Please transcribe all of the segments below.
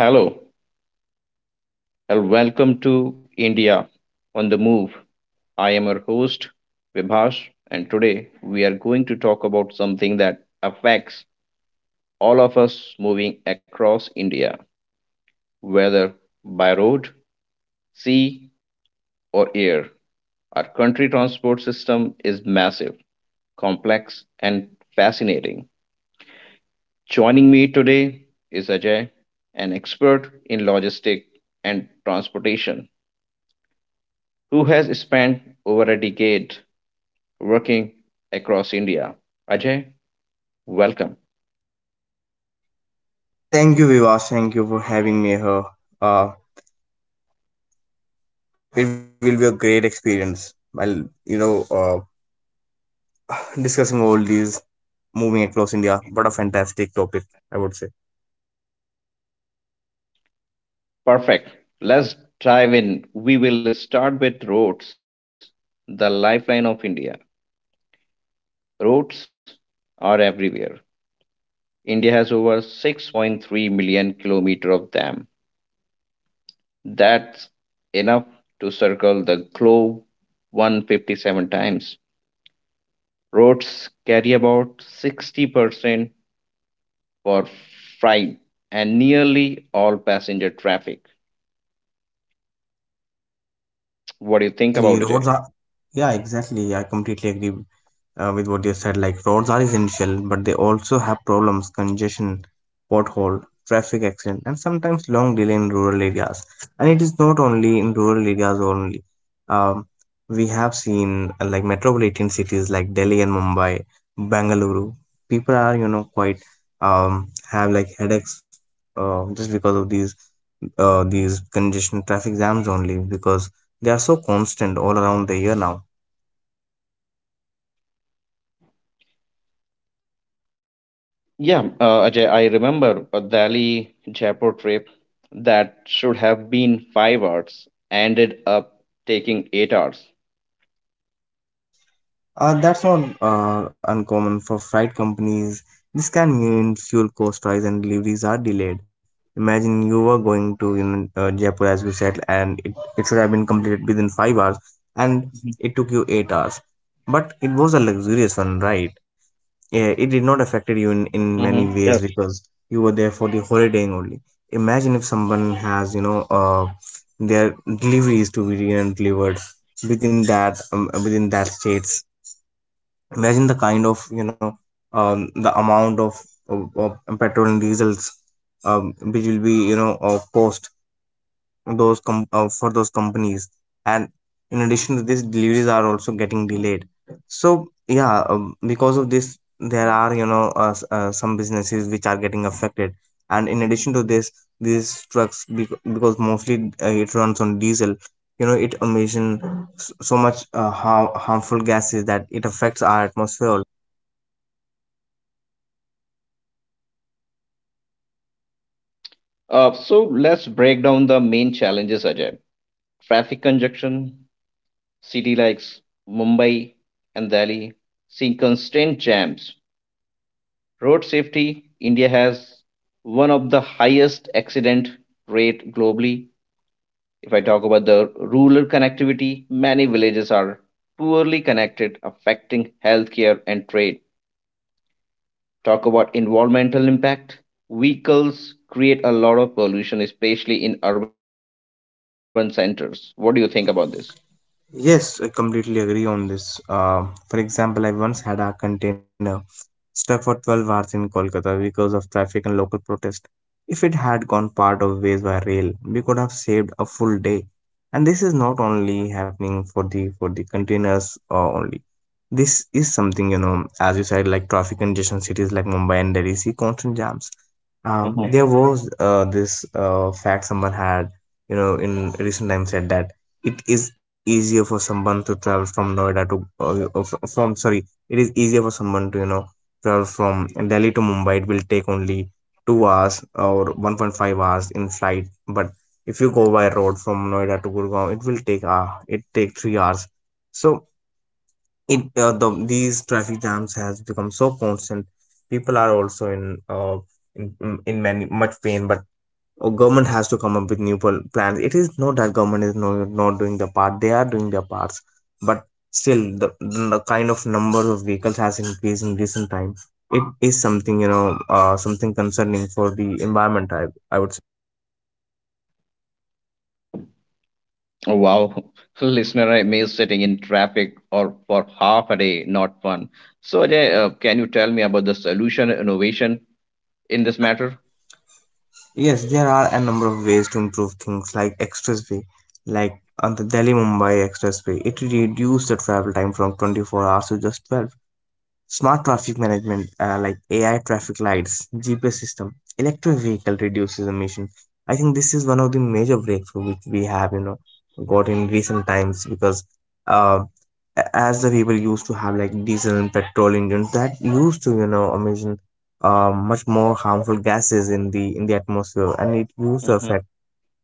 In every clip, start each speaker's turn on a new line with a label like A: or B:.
A: Hello and welcome to India on the Move. I am your host Vibhash, and today we are going to talk about something that affects all of us moving across India, whether by road, sea or air. Our country transport system is massive, complex and fascinating. Joining me today is Ajay, an expert in logistics and transportation who has spent over a decade working across India. Ajay, welcome.
B: Thank you, Vivas. Thank you for having me here. Uh, it will be a great experience while you know, uh, discussing all these moving across India. What a fantastic topic, I would say.
A: Perfect. Let's dive in. We will start with roads, the lifeline of India. Roads are everywhere. India has over 6.3 million kilometers of them. That's enough to circle the globe 157 times. Roads carry about 60% for freight and nearly all passenger traffic. What do you think
B: Exactly,
A: about it, Ajay?
B: roads are yeah, exactly. I completely agree with what you said. Like roads are essential, but they also have problems: congestion, pothole, traffic accident, and sometimes long delay in rural areas. And it is not only in rural areas only. Um, we have seen like metropolitan cities like Delhi and Mumbai, Bangalore. People are quite, have like headaches, just because of these congestion traffic jams, only because they are so constant all around the year now.
A: Yeah, Ajay, I remember a Delhi Jaipur trip that should have been 5 hours ended up taking 8 hours.
B: That's not uncommon for freight companies. This can mean fuel cost rise and deliveries are delayed. Imagine you were going to, Jaipur, as you said, and it should have been completed within 5 hours, and it took you 8 hours. But it was a luxurious one, right? Yeah, it did not affected you in many ways
A: Mm-hmm. Yes.
B: because you were there for the holidaying only. Imagine if someone has their deliveries to be delivered within that states. Imagine the kind of, the amount of petrol and diesels, which will be cost for those companies. And in addition to this, deliveries are also getting delayed. So yeah, because of this there are some businesses which are getting affected. And in addition to this, these trucks, because mostly it runs on diesel. It emission so much harmful gases that it affects our atmosphere.
A: So let's break down the main challenges, Ajay. Traffic congestion, city like Mumbai and Delhi see constant jams. Road safety, India has one of the highest accident rate globally. If I talk about the rural connectivity, many villages are poorly connected, affecting healthcare and trade. Talk about environmental impact. Vehicles create a lot of pollution, especially in urban centers. What do you think about this?
B: Yes, I completely agree on this. For example, I once had a container stuck for 12 hours in Kolkata because of traffic and local protest. If it had gone part of ways by rail, we could have saved a full day. And this is not only happening for the containers only. This is something, as you said, like traffic congestion, cities like Mumbai and Delhi see constant jams. There was this fact someone had, in recent times said that it is easier for someone to travel from Noida to, fr- from sorry, it is easier for someone to travel from Delhi to Mumbai. It will take only 2 hours or 1.5 hours in flight, but if you go by road from Noida to Gurgaon, it will take it take 3 hours. So it the these traffic jams has become so constant. People are also in many much pain, but government has to come up with new plans. It is not that government is not doing the part. They are doing their parts, but still the kind of number of vehicles has increased in recent time. It is something, something concerning for the environment, I would say.
A: Oh, wow, listener, I miss sitting in traffic or for half a day, not fun. So, Ajay, can you tell me about the solution innovation in this matter?
B: Yes, there are a number of ways to improve things, like expressway, like on the Delhi Mumbai expressway. It reduced the travel time from 24 hours to just 12. Smart traffic management, like AI traffic lights, GPS system, electric vehicle reduces emission. I think this is one of the major breakthrough which we have, got in recent times, because uh, as the people used to have like diesel and petrol engines that used to, emission much more harmful gases in the atmosphere, and it used to affect.
A: Mm-hmm.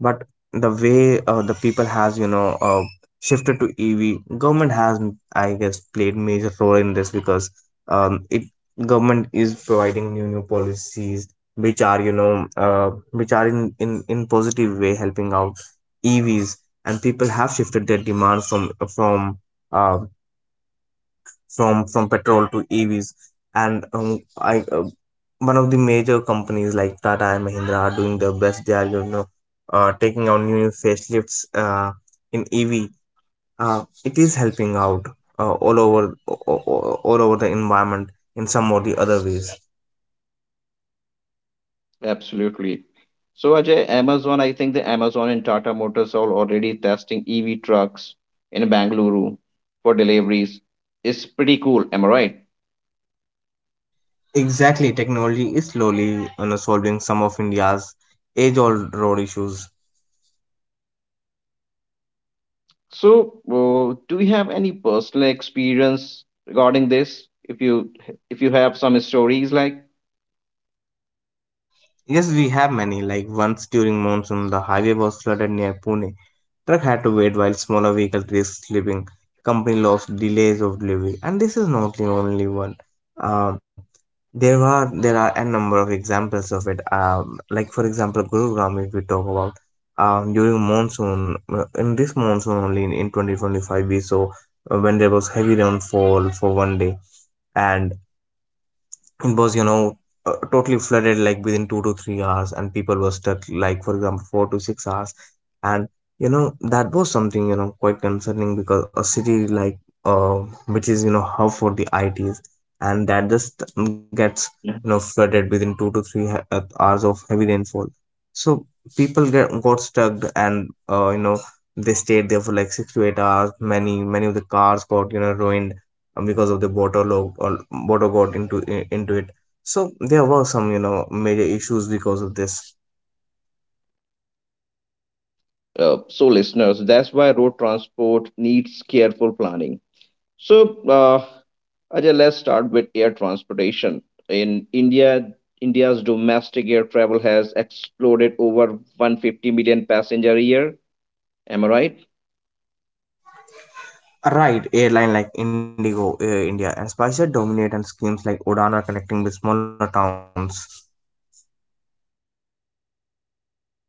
B: But the way, the people has shifted to EV, government has, I guess, played major role in this, because it government is providing new policies which are which are in positive way helping out EVs, and people have shifted their demands from uh, from petrol to EVs. And I one of the major companies like Tata and Mahindra are doing their best. They are taking out new facelifts in EV. It is helping out uh, all over o- all over the environment, in some or the other ways.
A: Absolutely. So Ajay, Amazon, I think the Amazon and Tata Motors are already testing EV trucks in Bangalore for deliveries. It's pretty cool, am I right?
B: Exactly, technology is slowly solving some of India's age-old road issues.
A: So, do you have any personal experience regarding this? If you have some stories, like,
B: Yes, we have many. Like once during monsoon, the highway was flooded near Pune. Truck had to wait while smaller vehicles risked slipping. Company lost delays of delivery, and this is not the only one. Um, there are a number of examples of it. Like for example, Gurugram, if we talk about, during monsoon, in this monsoon only in 2025, we saw, when there was heavy rainfall for one day, and it was totally flooded like within 2 to 3 hours, and people were stuck like for example 4 to 6 hours, and that was something, quite concerning, because a city like uh which is hub for the ITs, and that just gets
A: Yeah.
B: flooded within two to three hours of heavy rainfall. So people get got stuck, and they stayed there for like 6 to 8 hours. Many of the cars got ruined, because of the water law, or water got into it. So there were some major issues because of this.
A: So listeners, that's why road transport needs careful planning. So, Ajay, let's start with air transportation. In India, India's domestic air travel has exploded over 150 million passenger a year. Am I right?
B: Right, airline like Indigo, Air India, and SpiceJet dominate, and schemes like UDAN are connecting with smaller towns.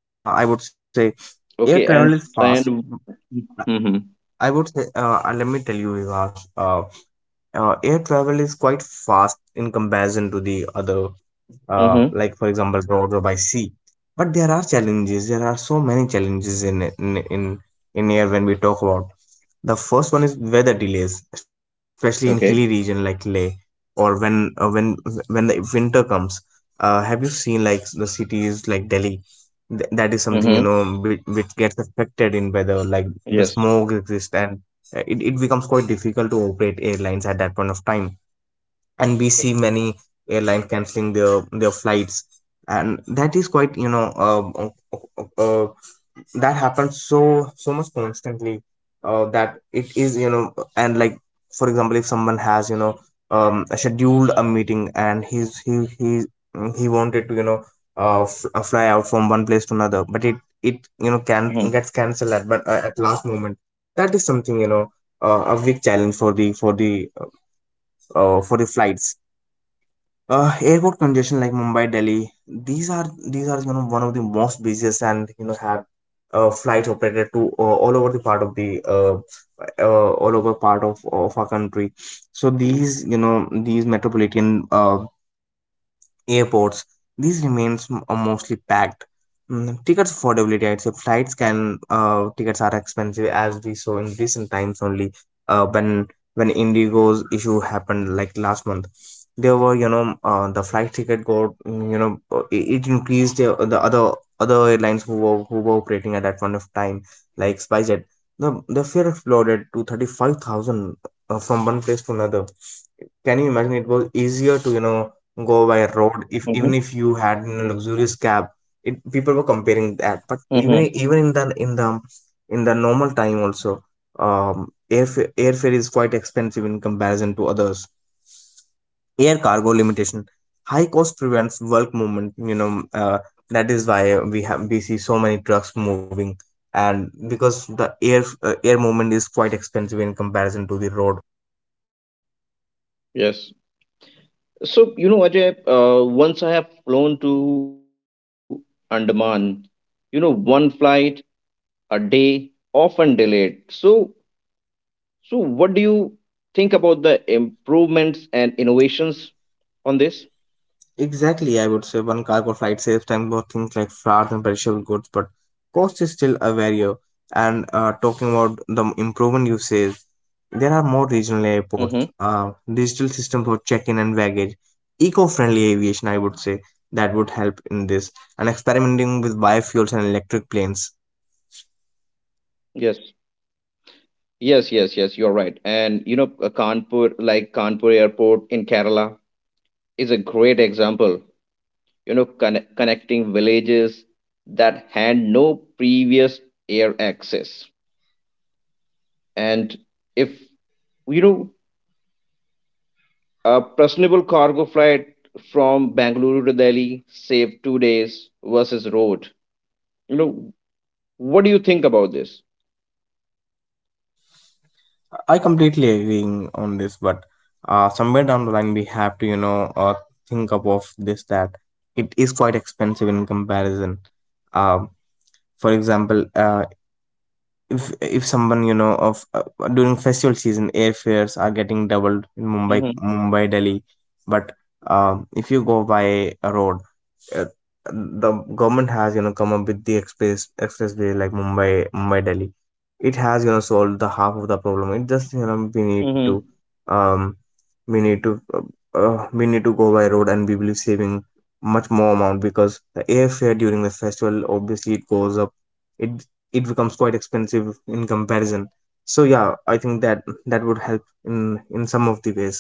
B: I would say air
A: Okay,
B: travel is
A: and
B: fast.
A: and mm-hmm,
B: I would say, let me tell you, Vivash. Air travel is quite fast in comparison to the other,
A: mm-hmm,
B: like for example road or by sea. But there are challenges. There are so many challenges in air when we talk about. The first one is weather delays, especially in hilly region
A: okay,
B: like Leh, or when, when the winter comes. Have you seen like the cities like Delhi? That is something
A: mm-hmm,
B: which, gets affected in weather, like the
A: yes,
B: smog exists. And it becomes quite difficult to operate airlines at that point of time, and we see many airline canceling their flights. And that is quite that happens so much constantly, that it is and like for example, if someone has scheduled a meeting, and he's he wanted to fly out from one place to another, but it
A: mm-hmm,
B: can gets cancelled at last moment. That is something a big challenge for the flights. Airport congestion like Mumbai, Delhi, these are one of the most busiest, and have flights operated to all over the part of the all over part of our country. So these these metropolitan airports, these are mostly packed. Mm, tickets affordability, I'd say flights can tickets are expensive as we saw in recent times only. Uh, when when Indigo's issue happened like last month, there were the flight ticket got, it increased the other airlines who were, operating at that point of time, like SpiceJet. The fare exploded to 35,000, from one place to another. Can you imagine, it was easier to go by
A: mm-hmm,
B: road if even if you had a luxurious cab. People were comparing that, but
A: mm-hmm,
B: even in the normal time also, airfare is quite expensive in comparison to others. Air cargo limitation, high cost prevents bulk movement. That is why we have we see so many trucks moving, and because the air movement is quite expensive in comparison to the road.
A: yes. So, you know, Ajay, once I have flown to Andaman, you know, one flight a day, often delayed. So, what do you think about the improvements and innovations on this?
B: Exactly, I would say one cargo flight saves time for things like flowers and perishable goods, but cost is still a barrier. And talking about the improvement you say, there are more regional
A: Mm-hmm.
B: airports, digital system for check-in and baggage, eco-friendly aviation. I would say that would help in this, and experimenting with biofuels and electric planes.
A: Yes, yes, yes, yes. You're right. And you know, Kanpur, like Kanpur Airport in Kerala, is a great example. You know, connecting villages that had no previous air access. And if you know, a personable cargo flight from Bangalore to Delhi saved 2 days versus road. You know, what do you think about this?
B: I completely agree on this, but somewhere down the line we have to think up of this that it is quite expensive in comparison. Um for example, if someone you know of during festival season airfares are getting doubled in Mumbai, Mumbai Delhi. But if you go by a road, uh, the government has, you know, come up with the express expressway like Mumbai, Mumbai Delhi. It has, you know, solved the half
A: Mm-hmm.
B: of the problem. It just, you know, we need to um we need to we need to go by road and we will be saving much more amount because the airfare during the festival obviously it goes up. It becomes quite expensive in comparison. So yeah, I think that would help in some of the ways.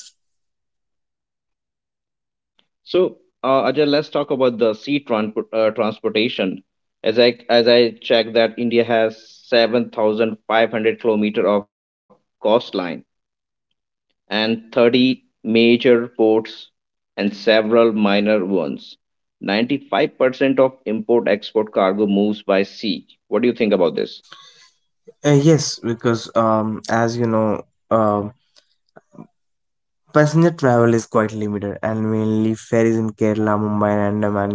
A: So, Ajay, let's talk about the sea transport transportation. As I check that India has 7,500 kilometer of coastline and 30 major ports and several minor ones. 95% of import export cargo moves by sea. What do you think about this?
B: Yes, because um, as you know, uh, passenger travel is quite limited and mainly ferries in Kerala, Mumbai, and Andaman.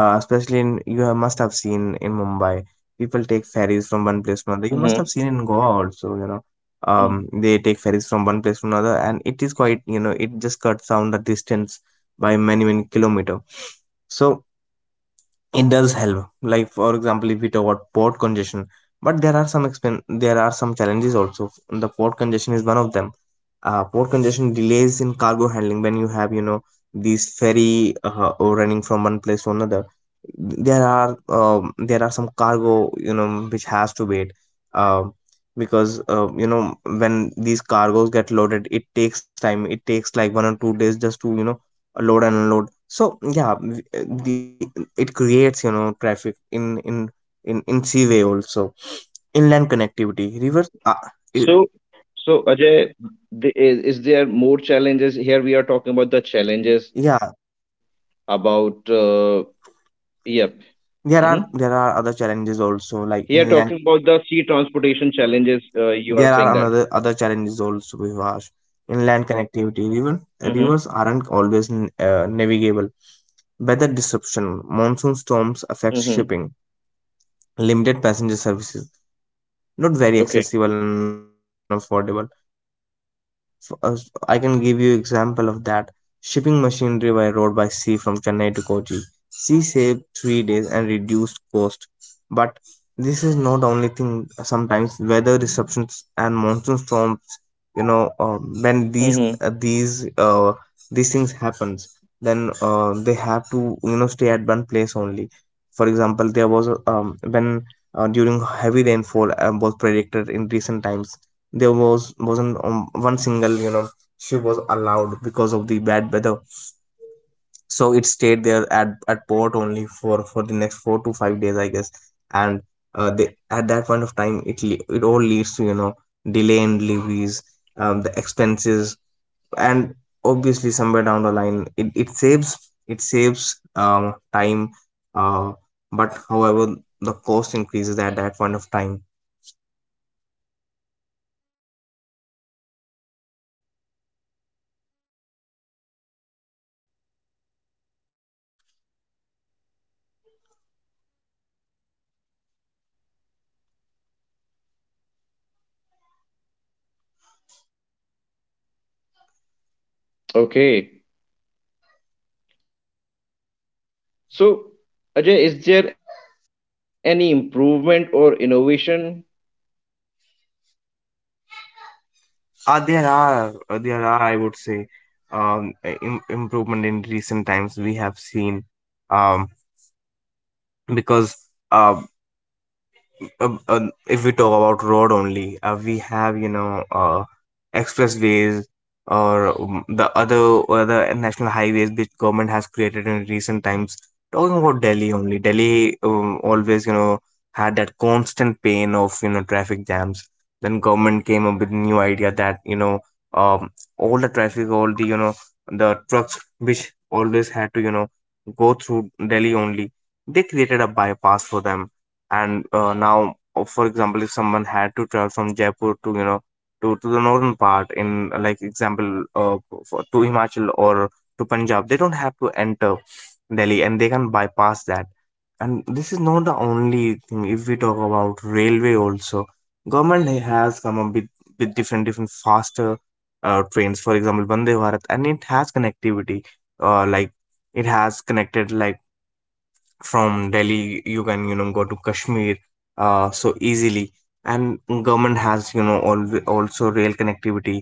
B: Especially in, you have, must have seen in Mumbai, people take ferries from one place to another. You must have
A: Mm-hmm.
B: seen in Goa also, you know. um
A: Hmm.
B: they take ferries from one place to another and it is quite, you know, it just cuts down the distance by many many kilometer. So it does help. Like for example, if we talk about port congestion, but there are there are some challenges also. The port congestion is one of them. Port congestion delays in cargo handling when you have, you know, these ferry or running from one place to another. There are some cargo, you know, which has to wait. Uh, because you know, when these cargoes get loaded, it takes time. It takes like 1 or 2 days just to, you know, load and unload. So yeah, it creates, you know, traffic in in sea way also. Inland connectivity rivers. I-
A: So, so Ajay, is there more challenges? Here we are talking about the challenges
B: yeah,
A: about Yep. Hmm.
B: there are other challenges also like inland.
A: Here talking about the sea transportation
B: There are
A: challenges,
B: another other
A: you
B: challenges
A: are saying
B: also,
A: that.
B: Vivash. Inland connectivity river rivers aren't always
A: Mm-hmm.
B: navigable. Weather disruption, monsoon storms affect shipping. Limited passenger
A: Mm-hmm.
B: services, not very accessible and affordable. F- uh, I can give you example
A: Okay.
B: of that. Shipping machinery by road by sea from Chennai to Kochi, she saved 3 days and reduced cost. But this is not the only thing. Sometimes weather disruptions and monsoon storms, you know, when uh, these things happens, then they have to, you know, stay at one place only. For example, there was a, when
A: Mm-hmm.
B: during heavy rainfall was predicted in recent times. There was wasn't one single, you know, ship was allowed because of the bad weather, so it stayed there at port only for the next 4 to 5 days, I guess. And they, at that point of time, it all leads to, you know, delay in levies, the expenses, and obviously somewhere down the line it saves, it saves, time. uh, but however, the cost increases at that point of time.
A: Okay. So, Ajay, is there any improvement or innovation?
B: There are there are, I would say, um, improvement in recent times we have seen. um, because uh,
A: Maybe
B: if we
A: there
B: talk
A: is some
B: about road
A: technical glitch.
B: only, we have, you know,
A: Just wait for
B: expressways,
A: some time.
B: or the other other national highways which government has created in recent times. Talking about Delhi only, Delhi, always, you know, had that constant pain of, you know, traffic jams. Then government came up with new idea that, you know, um, all the traffic, all the, you know, the trucks which always had to, you know, go through Delhi only, they created a bypass for them. And now, for example, if someone had to travel from Jaipur to, you know, to the northern part, in like example, for, to Himachal, or to Punjab, they don't have to enter Delhi and they can bypass that. And this is not the only thing. If we talk about railway also, government has come up with different different faster trains, for example Vande Bharat. And it has connectivity, like it has connected like, from Delhi you can, you know, go to Kashmir so easily. And government has, you know, also rail connectivity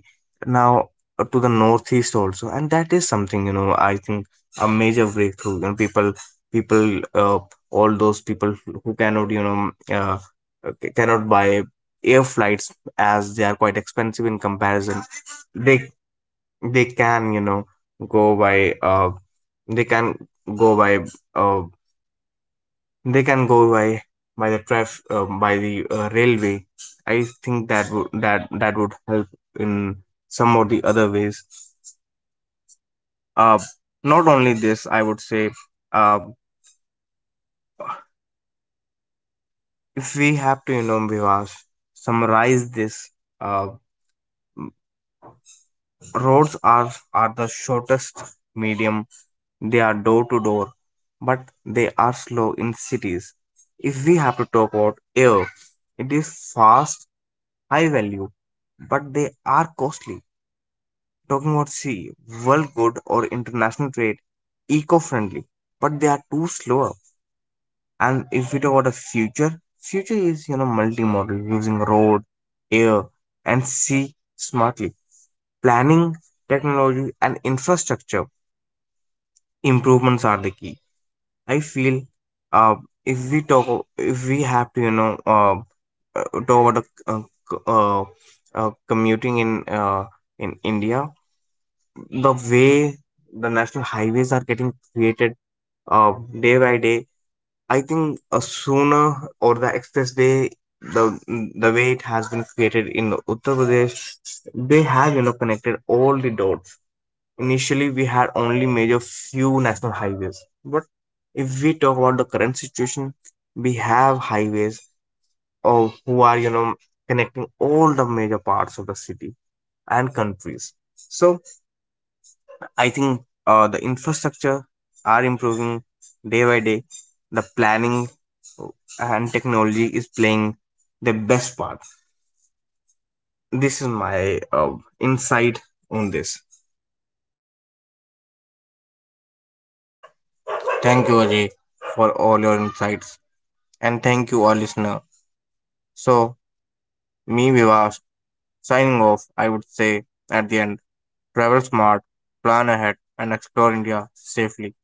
B: now to the northeast also, and that is something, you know, I think a major breakthrough. You know, people people all those people who cannot, you know, cannot buy air flights as they are quite expensive in comparison. they they can, you know, go by they can go by uh, they can go by, by the railway. I think that would, that would help in some of the other ways. uh Not only this, I would say, uh if we have to, you know, Vivas, summarize this, uh roads are the shortest medium. They are door to door, but they are slow in cities. If we have to talk about air, it is fast, high value, but they are costly. Talking about C, world good or international trade, eco-friendly, but they are too slower. And if we talk about the future, future is, you know, multimodal, using road, air, and sea smartly. Planning, technology, and infrastructure improvements are the key. I feel, uh, if we talk, if we have to, you know, talk about the c- uh, commuting in, in India, the way the national highways are getting created uh, day by day, I think sooner, or the expressway, the the way it has been created in Uttar Pradesh, they have, you know, connected all the dots. Initially, we had only major few national highways, but if we talk about the current situation, we have highways or who are, you know, connecting all the major parts of the city and countries. So I think the infrastructure are improving day by day. The planning, oh, and technology is playing the best part. This is my insight on this. Thank you, Ajay, for all your insights, and thank you, all listener. So, me Vivas signing off. I would say at the end, travel smart, plan ahead, and explore India safely.